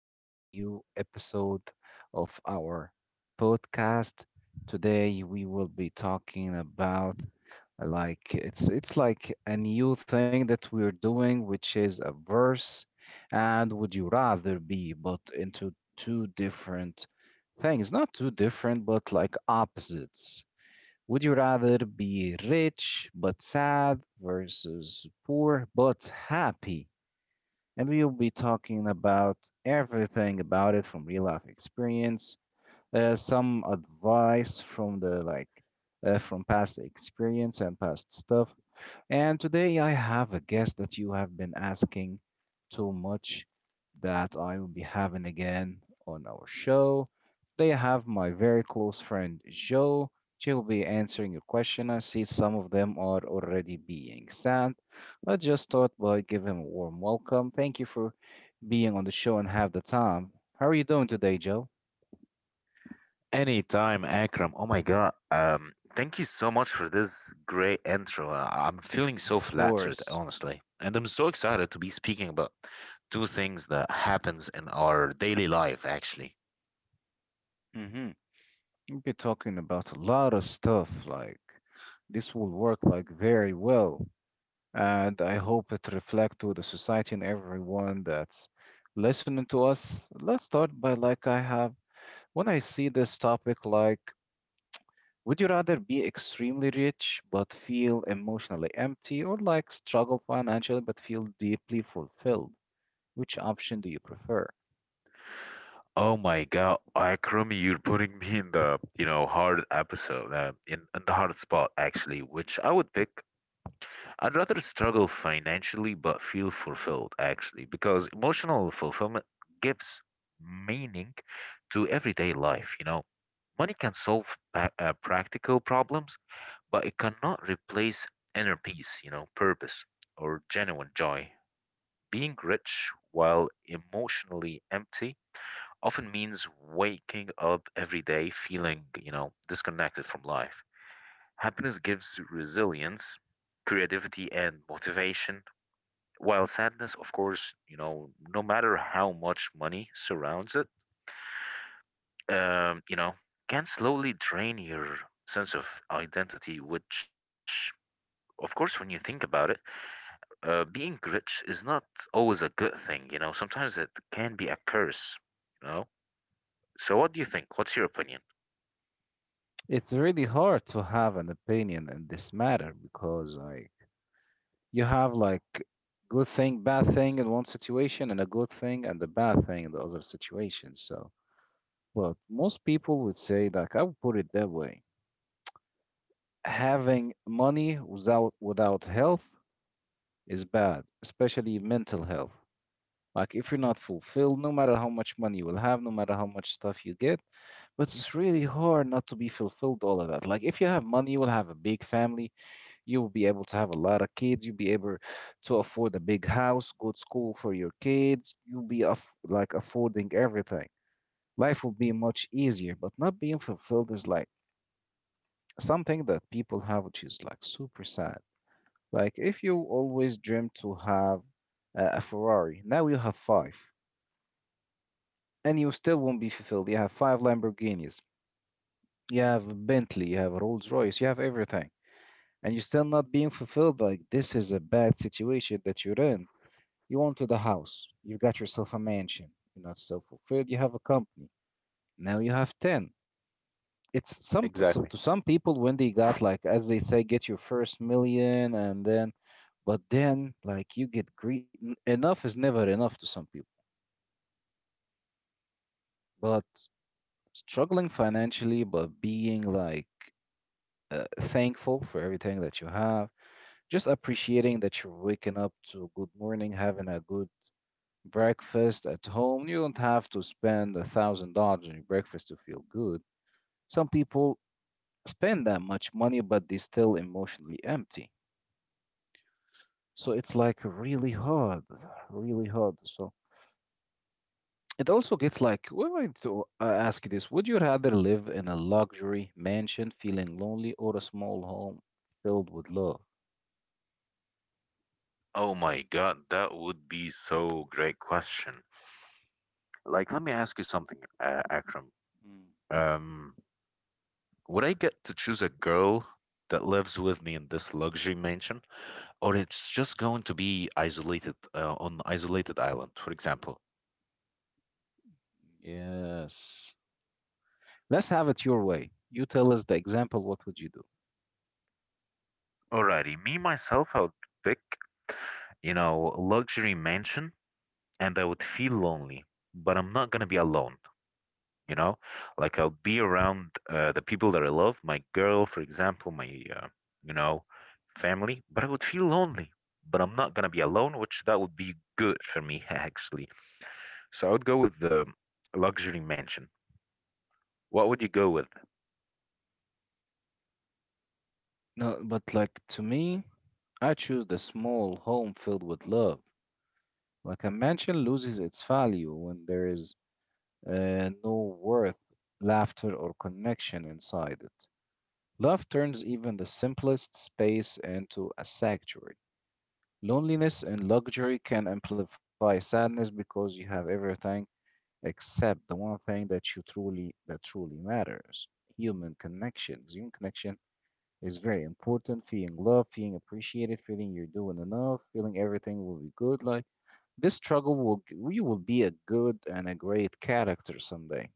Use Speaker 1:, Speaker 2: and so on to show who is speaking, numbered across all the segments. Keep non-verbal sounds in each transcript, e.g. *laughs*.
Speaker 1: to a new episode of our podcast. Today we will be talking about like it's like a new thing that we're doing, which is a verse and would you rather be, but into two different things, not two different, but like opposites. Would you rather be rich but sad versus poor but happy? And we'll be talking about everything about it from real life experience, some advice from the like from past experience and past stuff, and today I have a guest that you have been asking too much that I will be having again on our show. They have my very close friend Joe. She will be answering your question. I see some of them are already being sent. Let's just start by giving him a warm welcome. Thank you for being on the show and have the time. How are you doing today, Joe?
Speaker 2: Anytime, Akram. Oh my God. Thank you so much for this great intro. I'm feeling so
Speaker 1: Of
Speaker 2: flattered,
Speaker 1: course.
Speaker 2: honestly. And I'm so excited to be speaking about two things that happens in our daily life, actually.
Speaker 1: Mm-hmm. We'll be talking about a lot of stuff. Like this will work like very well. And I hope it reflects to the society and everyone that's listening to us. Let's start by like I have when I see this topic like would you rather be extremely rich but feel emotionally empty or like struggle financially but feel deeply fulfilled? Which option do you prefer?
Speaker 2: Oh my God, Akram, you're putting me in the hard episode, in the hard spot, actually, which I would pick. I'd rather struggle financially but feel fulfilled, actually, because emotional fulfillment gives meaning to everyday life. Money can solve practical problems, but it cannot replace inner peace, purpose, or genuine joy. Being rich while emotionally empty often means waking up every day feeling disconnected from life. Happiness gives resilience, creativity, and motivation, while sadness, of course, no matter how much money surrounds it, um, you know, can slowly drain your sense of identity, which, of course, when you think about it, being rich is not always a good thing, sometimes it can be a curse, you know. So, what do you think? What's your opinion?
Speaker 1: It's really hard to have an opinion in this matter because I you have like good thing, bad thing in one situation, and a good thing and a bad thing in the other situation. So, but most people would say like I would put it that way: having money without health is bad, especially mental health. Like if you're not fulfilled, no matter how much money you will have, no matter how much stuff you get, but it's really hard not to be fulfilled all of that. Like if you have money, you will have a big family, you will be able to have a lot of kids. You'll be able to afford a big house, good school for your kids. You'll be like affording everything. Life will be much easier, but not being fulfilled is like something that people have, which is like super sad. Like if you always dreamed to have a Ferrari, now you have five, and you still won't be fulfilled. You have five Lamborghinis, you have a Bentley, you have a Rolls Royce, you have everything, and you're still not being fulfilled. Like this is a bad situation that you're in. You wanted a house. You got yourself a mansion. You're not self-fulfilled. You have a company. Now you have 10. It's some so
Speaker 2: Exactly.
Speaker 1: to some people when they got like as they say get your first million and then but then like you get greed enough is never enough to some people. But struggling financially but being like thankful for everything that you have, just appreciating that you're waking up to a good morning, having a good breakfast at home. You don't have to spend $1,000 on your breakfast to feel good. Some people spend that much money, but they're still emotionally empty. So it's like really hard, really hard. So it also gets like, well, I want to ask you this: would you rather live in a luxury mansion feeling lonely, or a small home filled with love?
Speaker 2: Oh my God, that would be so great question. Like, let me ask you something, Akram.
Speaker 1: Mm.
Speaker 2: Um, would I get to choose a girl that lives with me in this luxury mansion, or it's just going to be isolated on isolated island, for example?
Speaker 1: Yes. Let's have it your way. You tell us the example. What would you do?
Speaker 2: Alrighty, me myself, I would pick luxury mansion, and I would feel lonely, but I'm not gonna be alone. you know like I'll be around the people that I love, my girl, for example, my you know family, but I would feel lonely, but I'm not gonna be alone, which that would be good for me *laughs* actually. So I would go with the luxury mansion. What would you go with?
Speaker 1: No, but like to me, I choose the small home filled with love. Like a mansion loses its value when there is no worth, laughter, or connection inside it. Love turns even the simplest space into a sanctuary. Loneliness and luxury can amplify sadness because you have everything except the one thing that you truly that truly matters: human connections. Human connection is very important. Feeling loved, feeling appreciated, feeling you're doing enough, feeling everything will be good. Like this struggle will you will be a good and a great character someday.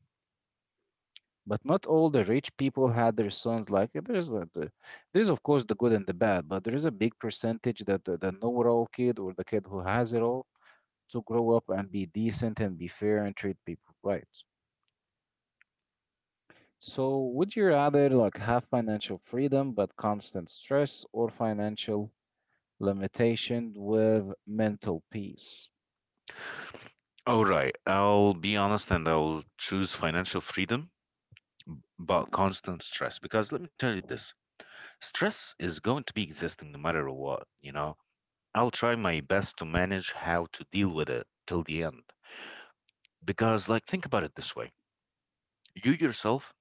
Speaker 1: But not all the rich people had their sons like it. There's of course the good and the bad, but there is a big percentage that the know-it-all kid or the kid who has it all to grow up and be decent and be fair and treat people right. So would you rather like have financial freedom but constant stress or financial limitation with mental peace.
Speaker 2: All right, I'll be honest and I'll choose financial freedom, but constant stress. Because let me tell you this, stress is going to be existing no matter what? I'll try my best to manage how to deal with it till the end. Because, like, think about it this way: you yourself,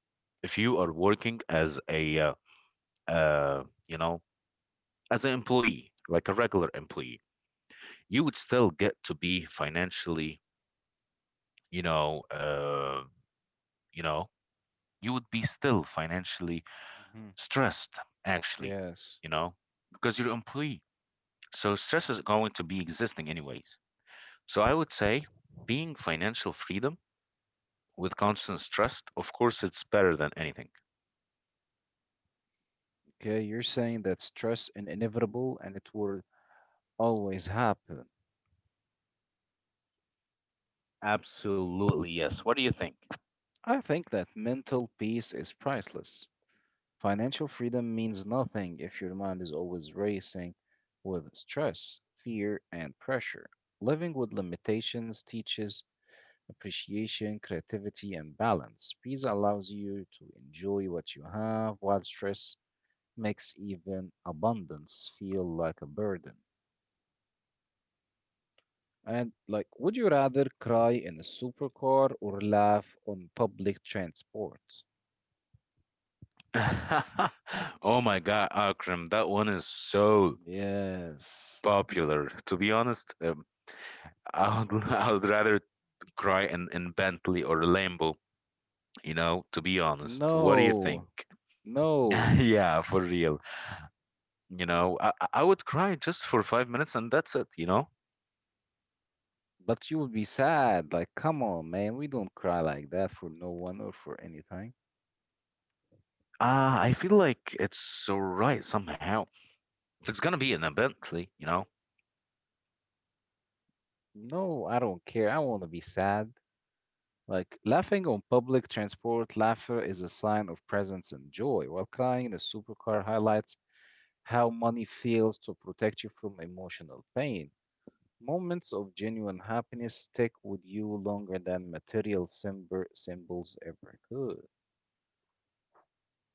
Speaker 2: if you are working uh, you know, as an employee, like a regular employee, you would still get to be financially, you know, uh, you know, you would be still financially
Speaker 1: Hmm.
Speaker 2: stressed, actually,
Speaker 1: Yes.
Speaker 2: you know, because you're an employee. So stress is going to be existing anyways. So I would say being financial freedom with constant stress, of course it's better than anything.
Speaker 1: Okay, you're saying that stress is inevitable and it will always happen.
Speaker 2: Absolutely, yes. What do you think?
Speaker 1: I think that mental peace is priceless. Financial freedom means nothing if your mind is always racing with stress, fear, and pressure. Living with limitations teaches appreciation, creativity, and balance. Peace allows you to enjoy what you have, while stress makes even abundance feel like a burden. And, like, would you rather cry in a supercar or laugh on public transport?
Speaker 2: *laughs* Oh my God, Akram, that one is so
Speaker 1: Yes.
Speaker 2: popular. To be honest, I would *laughs* I would rather cry in Bentley or Lambo, to be honest. What do you
Speaker 1: No.
Speaker 2: think? *laughs*
Speaker 1: No.
Speaker 2: Yeah, for real. You know, I would cry just for 5 minutes and that's it?
Speaker 1: But you will be sad. Like, come on, man. We don't cry like that for no one or for anything.
Speaker 2: I feel like it's alright somehow. If it's gonna be in a Bentley.
Speaker 1: No, I don't care. I want to be sad. Like, laughing on public transport, laughter is a sign of presence and joy, while crying in a supercar highlights how money fails to protect you from emotional pain. Moments of genuine happiness stick with you longer than material symbols ever could.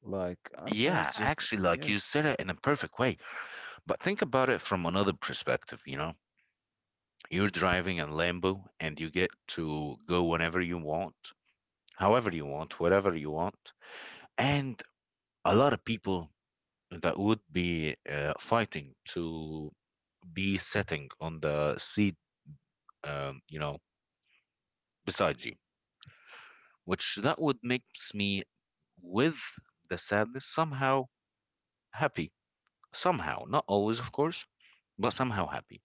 Speaker 1: Like, I was
Speaker 2: Yeah,
Speaker 1: just,
Speaker 2: actually, like you said
Speaker 1: yes.
Speaker 2: it in a perfect way. But think about it from another perspective, you know? You're driving a Lambo and you get to go whenever you want, however you want, whatever you want. And a lot of people that would be fighting to be sitting on the seat, um, you know, beside you, which that would makes me, with the sadness, somehow happy. Somehow, not always, of course, but somehow happy.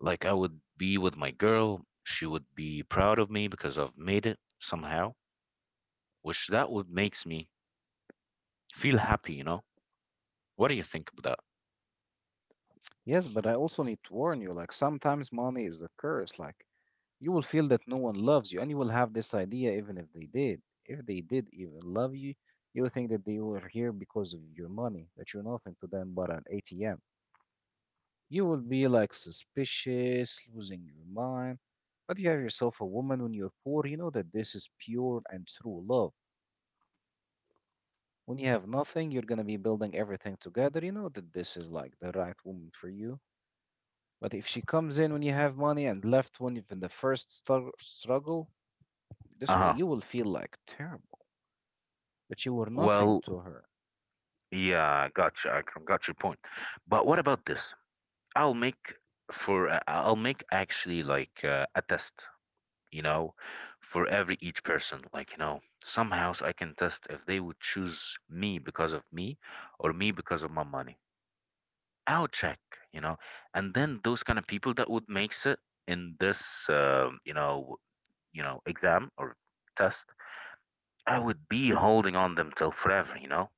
Speaker 2: Like I would be with my girl, she would be proud of me because I've made it somehow, which that would makes me feel happy? What do you think of that?
Speaker 1: Yes, but I also need to warn you, like sometimes money is a curse. Like you will feel that no one loves you and you will have this idea even if they did. If they did even love you, you will think that they were here because of your money, that you're nothing to them but an ATM. You will be like suspicious, losing your mind. But you have yourself a woman when you're poor, you know that this is pure and true love. When you have nothing, you're gonna be building everything together. You know that this is like the right woman for you. But if she comes in when you have money and left when you've in the first struggle,
Speaker 2: Uh-huh.
Speaker 1: you will feel like terrible that you were nothing
Speaker 2: Well,
Speaker 1: to her.
Speaker 2: yeah, gotcha. I got your point. But what about this? I'll make I'll make actually like a test, you know, for every each person. Like, somehow I can test if they would choose me because of me or me because of my money. I'll check, you know. And then those kind of people that would makes it in this, exam or test, I would be holding on them till forever.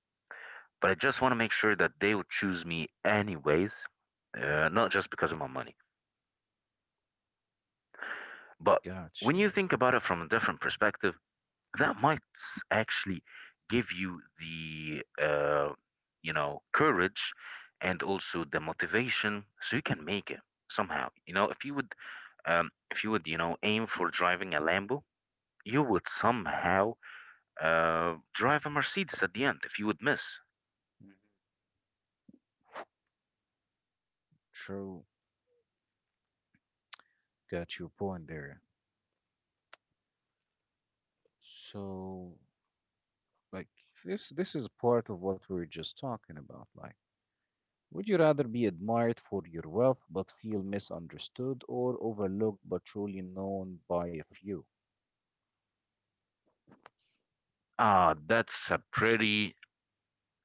Speaker 2: But I just want to make sure that they would choose me anyways, not just because of my money. But
Speaker 1: Got
Speaker 2: when you
Speaker 1: you.
Speaker 2: think about it from a different perspective, that might actually give you the courage and also the motivation so you can make it somehow. If you would if you would aim for driving a Lambo, you would somehow drive a Mercedes at the end if you would miss.
Speaker 1: Mhm. True. Got your point there. So, like this is part of what we are just talking about. Like, would you rather be admired for your wealth but feel misunderstood, or overlooked but truly known by a few?
Speaker 2: Ah, that's a pretty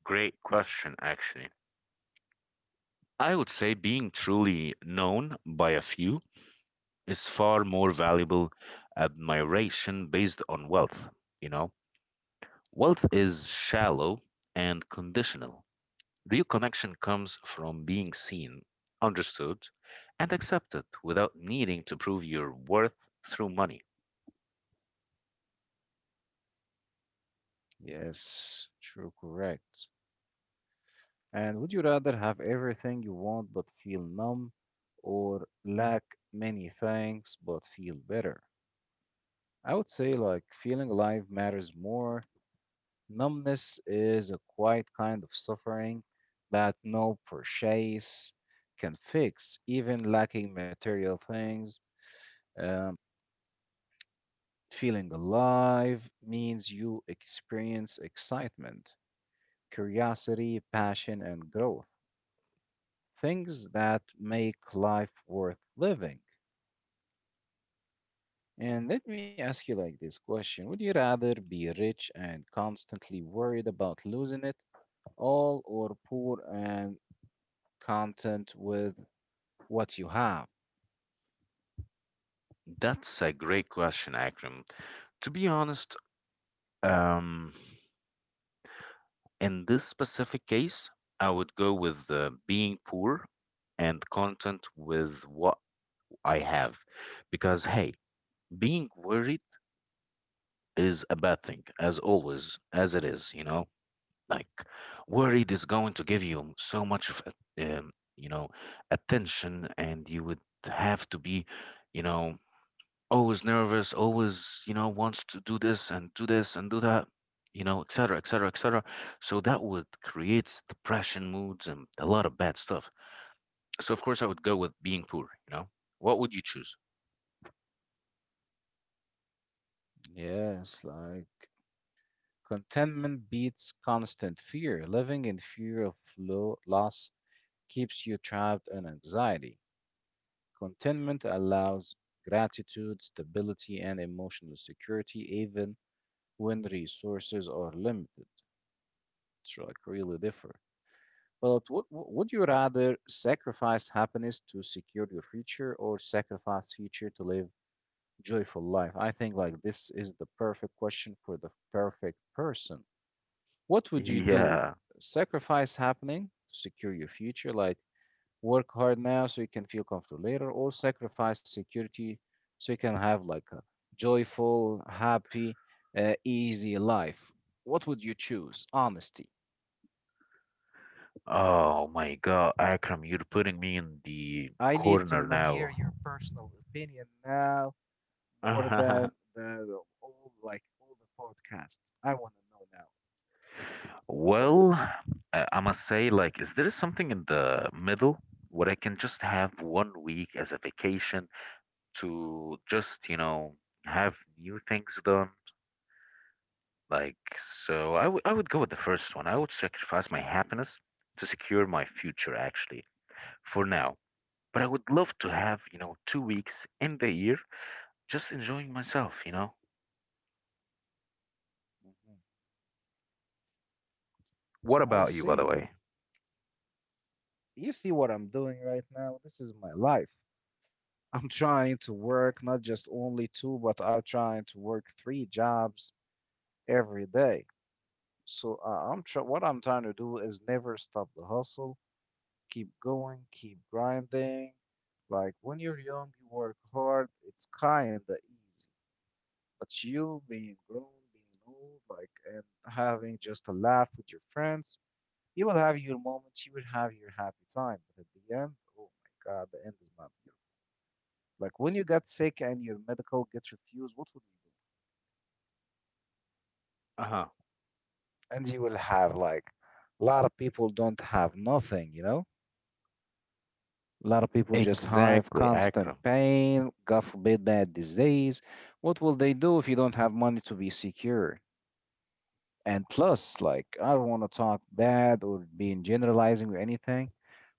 Speaker 2: great question, actually. I would say being truly known by a few is far more valuable admiration based on wealth. You know, wealth is shallow and conditional. Real connection comes from being seen, understood, and accepted without needing to prove your worth through money.
Speaker 1: Yes, true, correct. And would you rather have everything you want but feel numb or lack many things but feel better? I would say like feeling alive matters more. Numbness is a quiet kind of suffering that no purchase can fix, even lacking material things. Um, Feeling alive means you experience excitement, curiosity, passion, and growth things that make life worth living. And let me ask you like this question would you rather be rich and constantly worried about losing it all, or poor and content with what you have?
Speaker 2: That's a great question, Akram. To be honest, um, in this specific case, I would go with being poor and content with what I have. Because, hey, being worried is a bad thing, as always, as it is? Like, worried is going to give you so much of, a- um, you know, attention, and you would have to be, you know, always nervous, always, wants to do this and do this and do that, et cetera, et cetera, et cetera. So that would create depression moods and a lot of bad stuff. So, of course, I would go with being poor? What would you choose?
Speaker 1: Yes, like contentment beats constant fear. Living in fear of loss keeps you trapped in anxiety. Contentment allows gratitude, stability, and emotional security, even when resources are limited. It's like really different. But would you rather sacrifice happiness to secure your future or sacrifice future to live joyful life? I think like this is the perfect question for the perfect person. What would you do?
Speaker 2: Yeah,
Speaker 1: Sacrifice happening to secure your future? Like work hard now so you can feel comfortable later, or sacrifice security so you can have like a joyful, happy, easy life. What would you choose? Honesty.
Speaker 2: oh my God, Akram, you're putting me in the
Speaker 1: I need to
Speaker 2: corner
Speaker 1: know, hear
Speaker 2: now.
Speaker 1: your personal opinion now more than
Speaker 2: *laughs*
Speaker 1: the all like all the podcasts. I want to know.
Speaker 2: Well, I must say, like, is there something in the middle where I can just have one week as a vacation to just, have new things done? Like, so I would go with the first one. I would sacrifice my happiness to secure my future, actually, for now. But I would love to have, 2 weeks in the year just enjoying myself?
Speaker 1: Mhm.
Speaker 2: What
Speaker 1: I
Speaker 2: about you, by the
Speaker 1: see.
Speaker 2: way?
Speaker 1: You see what I'm doing right now? This is my life. I'm trying to work not just only two, but I'm trying to work three jobs every day. So what I'm trying to do is never stop the hustle, keep going, keep grinding. Like when you're young, you work hard. It's kind of easy, but you being grown, being old, like and having just a laugh with your friends, you will have your moments, you will have your happy time. But at the end, oh my God, the end is not like when you got sick and your medical gets refused, what would you
Speaker 2: Uh-huh.
Speaker 1: do? And you will have like a lot of people don't have nothing, you know? A lot of people just have
Speaker 2: Exactly,
Speaker 1: constant
Speaker 2: Akram.
Speaker 1: pain, God forbid, bad disease. What will they do if you don't have money to be secure? And plus, like, I don't want to talk bad or being generalizing or anything,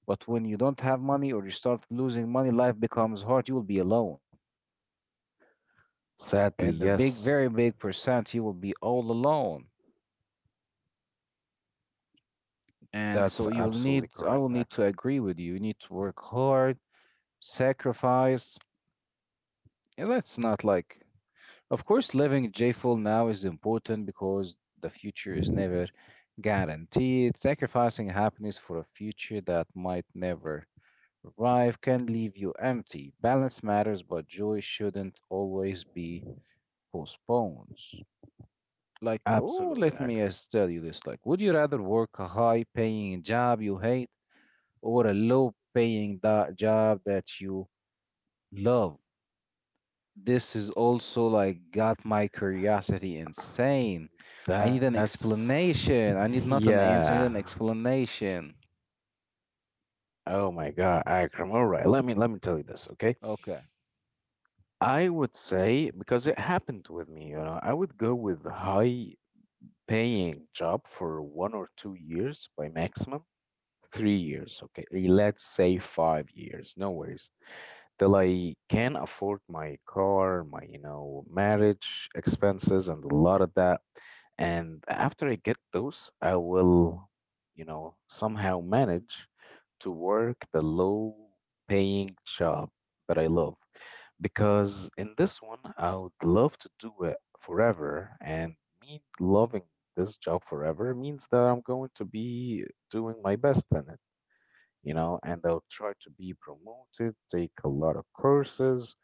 Speaker 1: but when you don't have money or you start losing money, life becomes hard. You will be alone.
Speaker 2: Sadly,
Speaker 1: And a big,
Speaker 2: yes,
Speaker 1: very big percent, you will be all alone. And
Speaker 2: that's
Speaker 1: so you'll need,
Speaker 2: absolutely
Speaker 1: I
Speaker 2: correct,
Speaker 1: will need to
Speaker 2: Akram.
Speaker 1: agree with you. You need to work hard, sacrifice. And us not like, of course, living joyful now is important because the future is never guaranteed. Sacrificing happiness for a future that might never arrive can leave you empty. Balance matters, but joy shouldn't always be postponed.
Speaker 2: Absolutely,
Speaker 1: Let me
Speaker 2: Akram.
Speaker 1: just tell you this. Like, would you rather work a high paying job you hate, or a low paying job that you love? This is also like got my curiosity insane. I need an
Speaker 2: That's
Speaker 1: explanation.
Speaker 2: *laughs*
Speaker 1: I need not an
Speaker 2: yeah.
Speaker 1: answer, I need an explanation.
Speaker 2: Oh my God, Akram. All right, let me tell you this, okay?
Speaker 1: Okay.
Speaker 2: I would say because it happened with me, I would go with high paying job for 1 or 2 years by maximum 3 years, okay? Let's say 5 years, no worries. Till I can afford my car, my marriage expenses, and a lot of that. And after I get those, I will, somehow manage to work the low-paying job that I love because in this one, I would love to do it forever. And me loving this job forever means that I'm going to be doing my best in it, and they'll try to be promoted, take a lot of courses,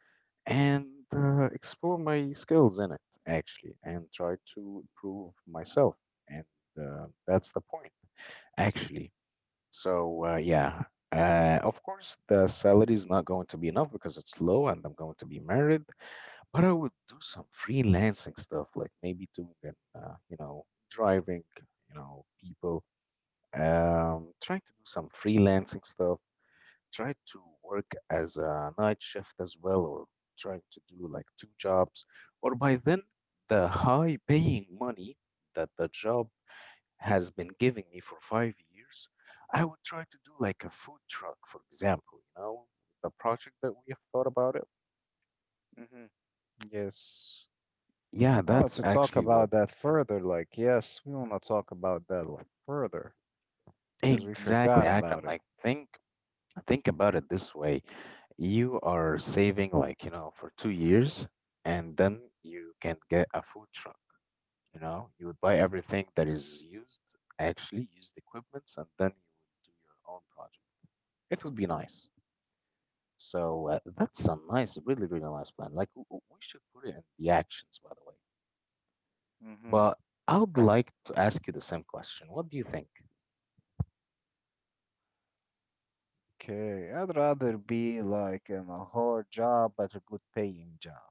Speaker 2: and explore my skills in it, actually, and try to improve myself. And that's the point, actually. So, yeah. Of course, the salary is not going to be enough because it's low and I'm going to be married, but I would do some freelancing stuff, like maybe doing an, driving, people, trying to do some freelancing stuff try to work as a night shift as well, or trying to do like two jobs, or by then the high paying money that the job has been giving me for 5 years, I would try to do like a food truck, for example, the project that we have thought about it.
Speaker 1: hmm Yes,
Speaker 2: Yeah,
Speaker 1: I wanted
Speaker 2: that's
Speaker 1: to talk
Speaker 2: actually what
Speaker 1: about that further. Like, yes, we want to talk about that like further because we
Speaker 2: exactly,
Speaker 1: forgot
Speaker 2: Akram.
Speaker 1: about it.
Speaker 2: Like, think about it this way. You are saving like, for 2 years, and then you can get a food truck. You know, you would buy everything that is used, actually used equipments, and then you would do your own project. It would be nice. So that's a nice, really, really nice plan. Like we should put it in the actions, by the way.
Speaker 1: hmm
Speaker 2: But I would like to ask you the same question. What do you think?
Speaker 1: Okay. I'd rather be like in a hard job, but a good paying job,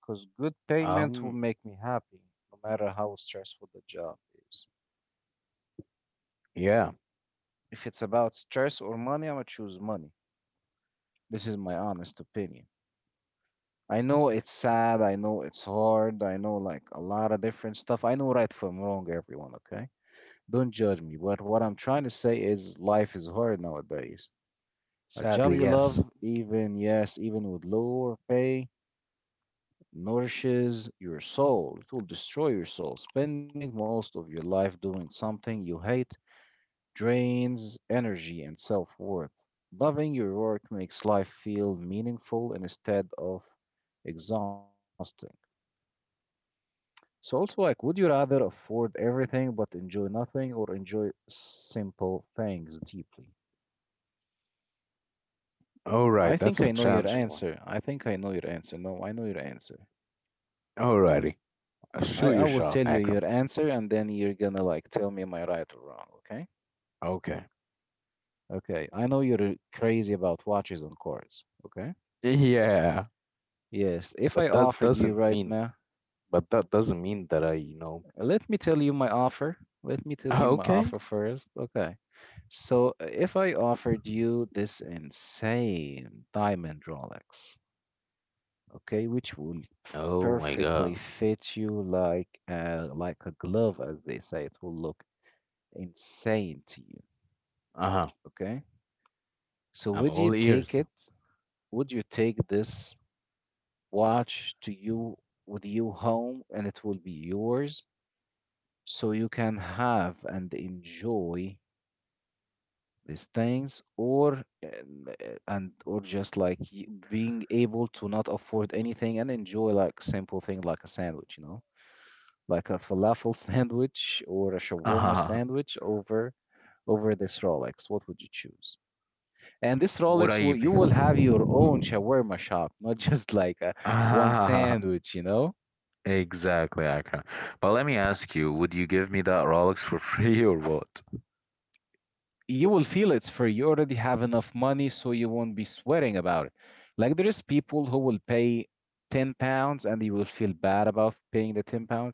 Speaker 1: because good payment will
Speaker 2: Um,
Speaker 1: make me happy, no matter how stressful the job is.
Speaker 2: yeah,
Speaker 1: If it's about stress or money, I'm gonna choose money. This is my honest opinion. I know it's sad, I know it's hard, I know like a lot of different stuff. I know right from wrong, everyone, okay? Don't judge me, but what I'm trying to say is life is hard nowadays. A job
Speaker 2: sadly,
Speaker 1: you love,
Speaker 2: yes.
Speaker 1: even yes, even with lower pay, nourishes your soul. It will destroy your soul. Spending most of your life doing something you hate drains energy and self worth. Loving your work makes life feel meaningful instead of exhausting. So, also, like, would you rather afford everything but enjoy nothing, or enjoy simple things deeply?
Speaker 2: All right, that's a challenging one.
Speaker 1: I think I know your answer. No, I know your answer.
Speaker 2: Alrighty, shoot
Speaker 1: I
Speaker 2: your
Speaker 1: will
Speaker 2: shot,
Speaker 1: tell you
Speaker 2: Akram.
Speaker 1: your answer and then you're gonna like tell me am I right or wrong, okay?
Speaker 2: Okay.
Speaker 1: Okay, I know you're crazy about watches and cars, okay?
Speaker 2: *laughs* Yeah,
Speaker 1: Yes, if I
Speaker 2: but that
Speaker 1: offered you
Speaker 2: doesn't
Speaker 1: right
Speaker 2: mean,
Speaker 1: now.
Speaker 2: but that doesn't mean that I.
Speaker 1: Let me tell you my offer. Let me
Speaker 2: *laughs*
Speaker 1: tell you my
Speaker 2: Okay,
Speaker 1: offer first. Okay. So if I offered you this insane diamond Rolex, okay, which will
Speaker 2: oh my
Speaker 1: perfectly
Speaker 2: God.
Speaker 1: fit you like a glove, as they say, it will look insane to you.
Speaker 2: Uh-huh.
Speaker 1: Okay. So
Speaker 2: I'm
Speaker 1: would you
Speaker 2: all
Speaker 1: take
Speaker 2: ears.
Speaker 1: it? Would you take this watch to you with you home, and it will be yours, so you can have and enjoy these things, or and or just like being able to not afford anything and enjoy like simple thing like a sandwich, you know, like a falafel *laughs* sandwich or a shawarma
Speaker 2: Uh-huh.
Speaker 1: sandwich over over this rolex? What would you choose? And this
Speaker 2: Would
Speaker 1: rolex,
Speaker 2: I
Speaker 1: will
Speaker 2: be?
Speaker 1: you will have your own shawarma shop, not *laughs* just like a one
Speaker 2: *laughs*
Speaker 1: sandwich, you know.
Speaker 2: Exactly, Akram. But let me ask you, would you give me that Rolex for *laughs* free or what?
Speaker 1: You will feel it's free. You already have enough money, so you won't be sweating about it. Like there is people who will pay £10 and they will feel bad about paying the £10.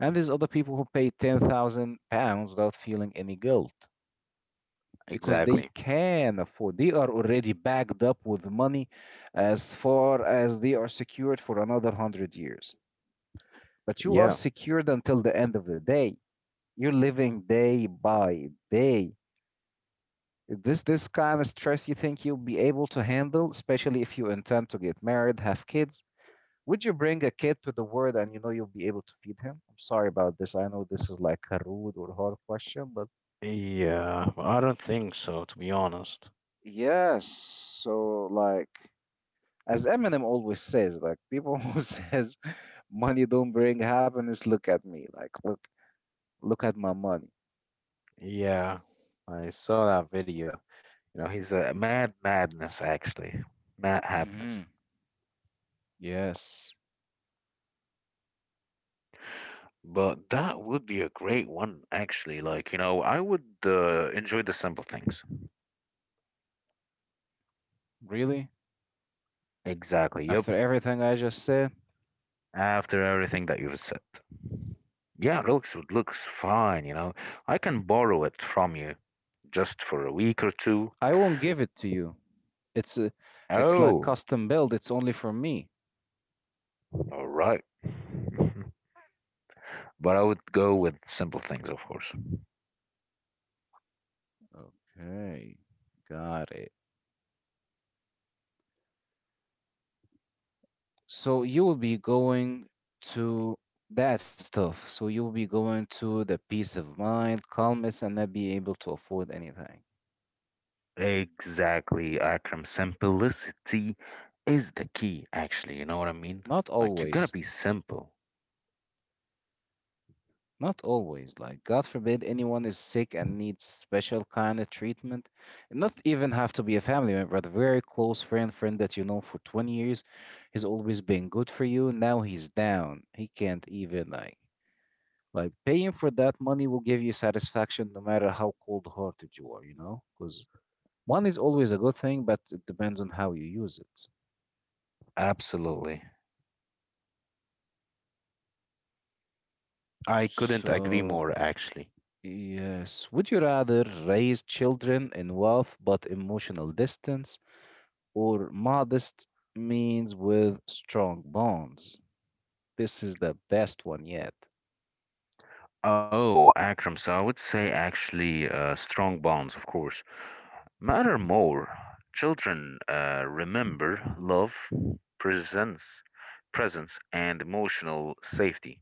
Speaker 1: And there's other people who pay £10,000 without feeling any guilt because they
Speaker 2: Exactly.
Speaker 1: can afford. They are already backed up with money as far as they are secured for another 100 years. But you are
Speaker 2: Yeah.
Speaker 1: secured until the end of the day. You're living day by day. This kind of stress, you think you'll be able to handle, especially if you intend to get married, have kids? Would you bring a kid to the world and you know you'll be able to feed him? I'm sorry about this. I know this is like a rude or hard question, but
Speaker 2: Yeah, well, I don't think so, to be honest.
Speaker 1: yes. So like, as Eminem always says, like, people *laughs* who says money don't bring happiness, look at me. Look at my money.
Speaker 2: Yeah, I saw that video. You know, he's a mad madness actually. Mad
Speaker 1: hmm
Speaker 2: happiness.
Speaker 1: Yes.
Speaker 2: But that would be a great one, actually. Like, I would enjoy the simple things.
Speaker 1: Really?
Speaker 2: Exactly.
Speaker 1: After
Speaker 2: Yep.
Speaker 1: everything I just said?
Speaker 2: After everything that you've said. Yeah, looks it looks fine. I can borrow it from you just for a week or two.
Speaker 1: I won't give it to you. It's a, it's like
Speaker 2: Oh,
Speaker 1: custom build. It's only for me.
Speaker 2: all right. *laughs* But I would go with simple things, of course.
Speaker 1: Okay, got it. So you will be going to that stuff. So you will be going to the peace of mind, calmness, and not be able to afford anything.
Speaker 2: Exactly, Akram. Simplicity is the key, actually. You know what I mean?
Speaker 1: Not
Speaker 2: Like, you gotta
Speaker 1: always.
Speaker 2: be simple.
Speaker 1: Not always. Like, God forbid anyone is sick and needs special kind of treatment. Not even have to be a family member, but a very close friend, friend that you know for 20 years. He's always been good for you. Now he's down. He can't even, like paying for that money will give you satisfaction no matter how cold-hearted you are, you know? Because money is always a good thing, but it depends on how you use it.
Speaker 2: Absolutely. I couldn't agree
Speaker 1: So,
Speaker 2: more, actually.
Speaker 1: yes. Would you rather raise children in wealth but emotional distance, or modest means with strong bonds? This is the best one yet.
Speaker 2: Oh, Akram. So I would say actually strong bonds, of course, matter more. Children remember love, presence, presence, and emotional safety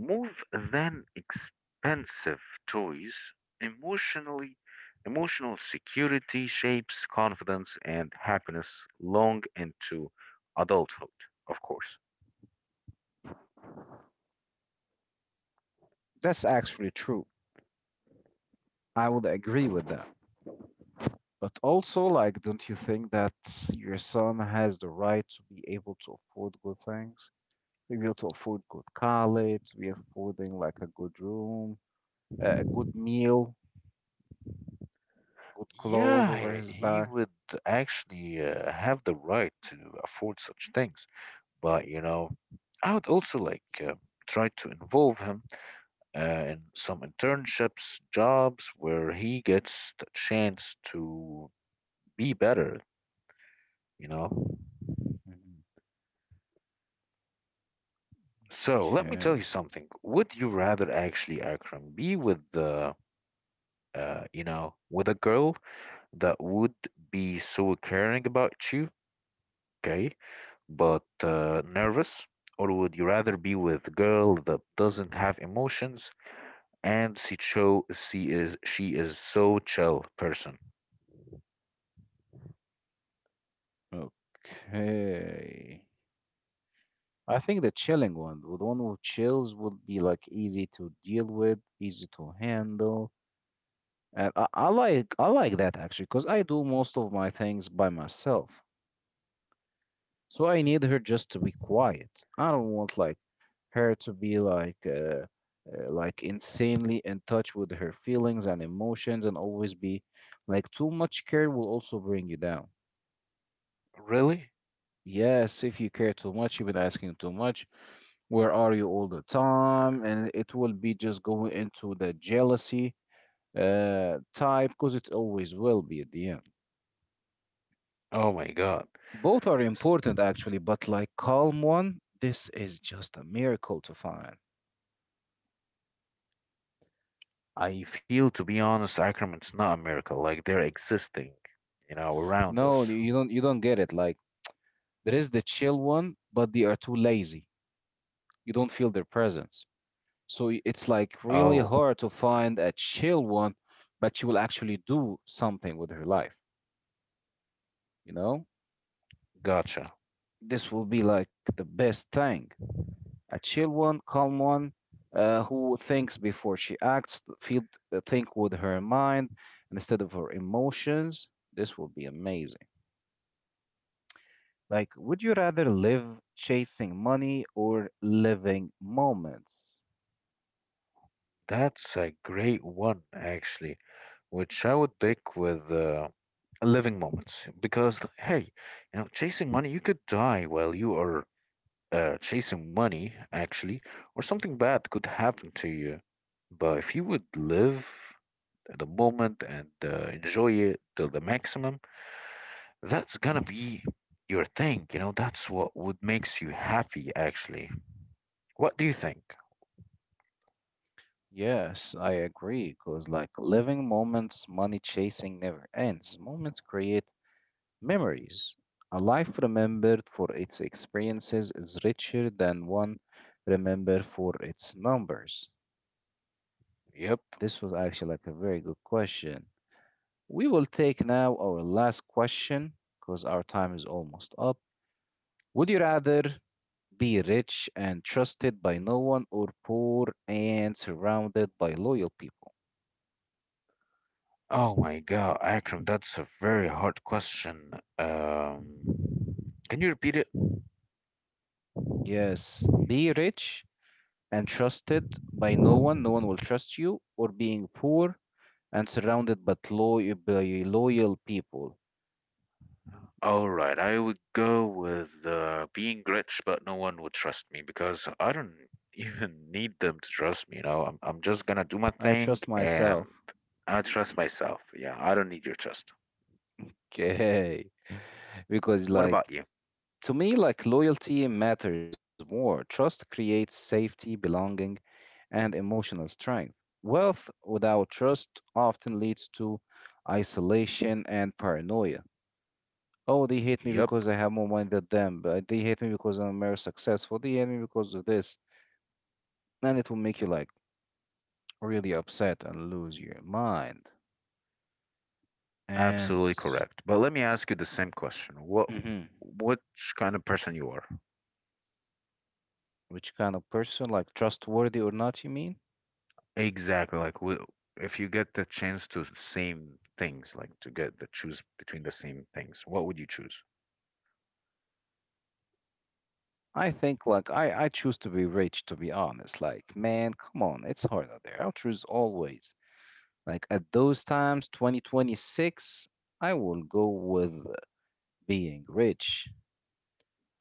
Speaker 2: more than expensive toys. Emotionally, emotional security shapes confidence and happiness long into adulthood, of course.
Speaker 1: That's actually true. I would agree with that. But also, like, don't you think that your son has the right to be able to afford good things? To be able to afford good college, to be affording like a good room, a good meal, good clothes
Speaker 2: Yeah,
Speaker 1: over
Speaker 2: he
Speaker 1: his
Speaker 2: he
Speaker 1: back.
Speaker 2: would actually have the right to afford such things. But, I would also like try to involve him uh, in some internships, jobs where he gets the chance to be better, you know?
Speaker 1: Mhm.
Speaker 2: So let me tell you
Speaker 1: Okay.
Speaker 2: something. Would you
Speaker 1: Mm.
Speaker 2: rather actually, Akram, be with the, you know, with a girl that would be so caring about you, okay, but nervous, or would you rather be with a girl that doesn't have emotions, and she is so chill person.
Speaker 1: Okay. I think the chilling one, the one who chills, would be like easy to deal with, easy to handle. And I like that actually, because I do most of my things by myself. So I need her just to be quiet. I don't want like her to be like insanely in touch with her feelings and emotions, and always be like too much care will also bring you down.
Speaker 2: Really?
Speaker 1: Yes, if you care too much, you've been asking too much, where are you all the time, and it will be just going into the jealousy type, because it always will be at the end.
Speaker 2: Oh my God.
Speaker 1: Both are
Speaker 2: S-
Speaker 1: important actually, but like calm one, this is just a miracle to find.
Speaker 2: I feel, to be honest, Akram, it's not a miracle. Like they're existing, around
Speaker 1: No
Speaker 2: us.
Speaker 1: You don't, you don't get it. Like, there is the chill one, but they are too lazy, you don't feel their presence. So it's like really
Speaker 2: Oh,
Speaker 1: hard to find a chill one, but she will actually do something with her life, you know.
Speaker 2: gotcha.
Speaker 1: This will be like the best thing. A chill one, calm one, who thinks before she acts, feel, think with her mind instead of her emotions. This will be amazing. Like, would you rather live chasing money or living moments?
Speaker 2: That's a great one, actually, which I would pick with living moments. Because, hey, chasing money, you could die while you are chasing money, actually, or something bad could happen to you. But if you would live, at the moment and enjoy it till the maximum that's gonna be your thing. That's what would makes you happy actually. What do you think?
Speaker 1: Yes, I agree. Because, like, living moments, money chasing never ends. Moments create memories. A life remembered for its experiences is richer than one remembered for its numbers.
Speaker 2: Yep.
Speaker 1: This was actually like a very good question. We will take now our last question, because our time is almost up. Would you rather be rich and trusted by no one, or poor and surrounded by loyal people?
Speaker 2: Oh my God, Akram, that's a very hard question um can you repeat it?
Speaker 1: Yes, be rich and trusted by no one, no one will trust you, or being poor and surrounded but loyal by loyal people.
Speaker 2: All right, I would go with being rich, but no one would trust me because I don't *laughs* even need them to trust me. You know, I'm just gonna do my
Speaker 1: I
Speaker 2: thing
Speaker 1: trust myself.
Speaker 2: and I trust myself. Yeah, I don't need your trust.
Speaker 1: Okay. *laughs* Because
Speaker 2: What
Speaker 1: like,
Speaker 2: about you?
Speaker 1: to me, like loyalty matters more. Trust creates safety, belonging, and emotional strength. Wealth without trust often leads to isolation and paranoia. Oh, they hate me
Speaker 2: Yep,
Speaker 1: because I have more money than them, but they hate me because I'm more successful. They hate me because of this. And it will make you like really upset and lose your mind. And
Speaker 2: absolutely correct. But let me ask you the same question. What
Speaker 1: mhm,
Speaker 2: which kind of person you are?
Speaker 1: which kind of person, like trustworthy or not, you mean?
Speaker 2: Exactly. Like, if you get the chance to same things, like to get the choose between the same things, what would you choose?
Speaker 1: I think like I choose to be rich to be honest. Like man, come on, it's hard out there. I'll choose always. Like at those times, 2026, I will go with being rich.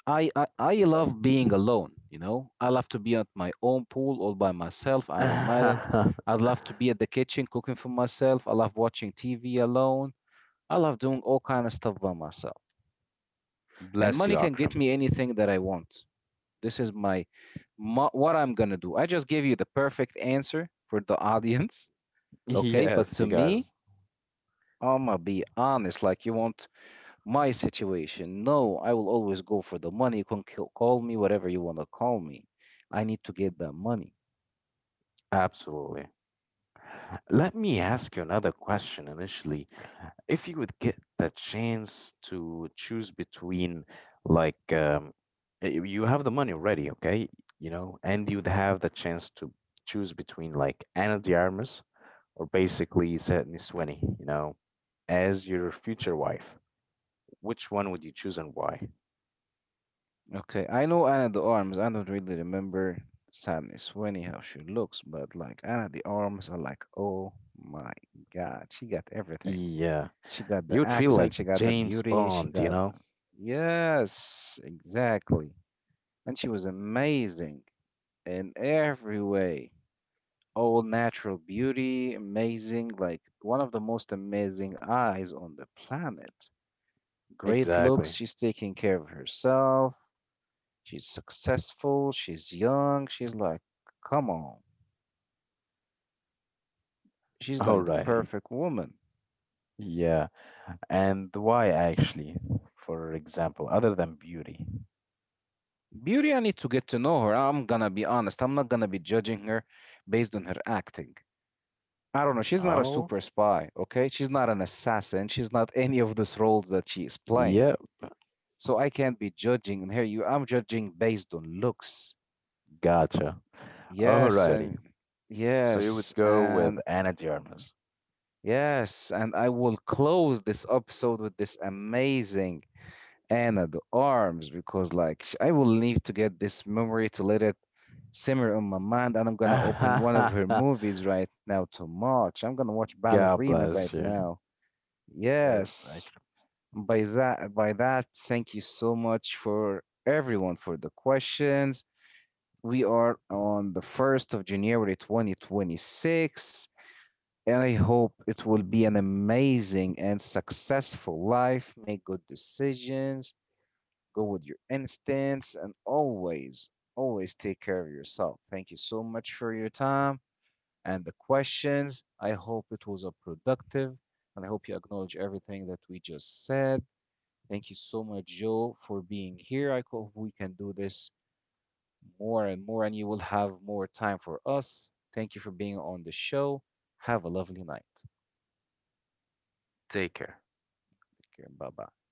Speaker 1: I love being alone, you know. I love to be at my own pool all by myself. I don't mind it. I love to be at the kitchen cooking for myself. I love watching TV alone. I love doing all kind of stuff by myself.
Speaker 2: *laughs*
Speaker 1: And
Speaker 2: Bless
Speaker 1: money
Speaker 2: you,
Speaker 1: can get
Speaker 2: Akram.
Speaker 1: me anything that I want. This is my,
Speaker 2: *laughs*
Speaker 1: mo what I'm gonna do. I just gave you the perfect answer for the audience, *laughs* okay? But
Speaker 2: Yes,
Speaker 1: to
Speaker 2: you
Speaker 1: me,
Speaker 2: guys.
Speaker 1: I'ma be honest. Like you want my situation? No, I will always go for the money. You can kill, call me whatever you wanna call me. I need to get that money.
Speaker 2: Absolutely. Let me ask you another question initially. If you would get the chance to choose between, like, you have the money already, okay? You know, and you'd have the chance to choose between, like, Ana de Armas or basically Zetni Sweeney, as your future wife, which one would you choose and why?
Speaker 1: Okay, I know Anna the Arms. I don't really remember sadness Winnie how she looks, but like Anna the Arms are like, oh my God, she got everything.
Speaker 2: Yeah,
Speaker 1: She got the
Speaker 2: you would feel
Speaker 1: accent,
Speaker 2: like
Speaker 1: she got the
Speaker 2: James
Speaker 1: beauty, she
Speaker 2: Bond, you
Speaker 1: got
Speaker 2: know?
Speaker 1: the... Yes, exactly. And she was amazing in every way. All natural beauty, amazing, like one of the most amazing eyes on the planet. Great looks,
Speaker 2: Exactly.
Speaker 1: she's taking care of herself, she's successful, she's young, she's like, come on. She's like the
Speaker 2: Alrighty.
Speaker 1: perfect woman.
Speaker 2: Yeah. And why actually, for example, other than beauty?
Speaker 1: Beauty, I need to get to know her. I'm gonna be honest, I'm not gonna be judging her based on her acting. I don't know. She's not a
Speaker 2: Oh,
Speaker 1: super spy, okay? She's not an assassin. She's not any of those roles that she is playing.
Speaker 2: yeah,
Speaker 1: So I can't be judging on her. You, I'm judging based on looks.
Speaker 2: gotcha.
Speaker 1: Yes,
Speaker 2: Alrighty.
Speaker 1: and
Speaker 2: So you would
Speaker 1: yes,
Speaker 2: go with
Speaker 1: and
Speaker 2: Anna de Armas.
Speaker 1: yes, and I will close this episode with this amazing Anna de Arms because, like, I will need to get this memory to let it simmer on my mind, and I'm gonna open one of her movies right now to watch. I'm gonna watch
Speaker 2: *laughs* God
Speaker 1: Ballerina right
Speaker 2: bless you.
Speaker 1: now.
Speaker 2: Yes, I
Speaker 1: Yes.
Speaker 2: could
Speaker 1: By that, thank you so much for everyone for the questions. We are on the 1st of January 2026, and I hope it will be an amazing and successful life. Make good decisions, go with your instincts, and always, always take care of yourself. Thank you so much for your time and the questions. I hope it was a productive, and I hope you acknowledge everything that we just said. Thank you so much, Joe, for being here. I hope we can do this more and more, and you will have more time for us. Thank you for being on the show. Have a lovely night.
Speaker 2: take her.
Speaker 1: Take care. Bye bye.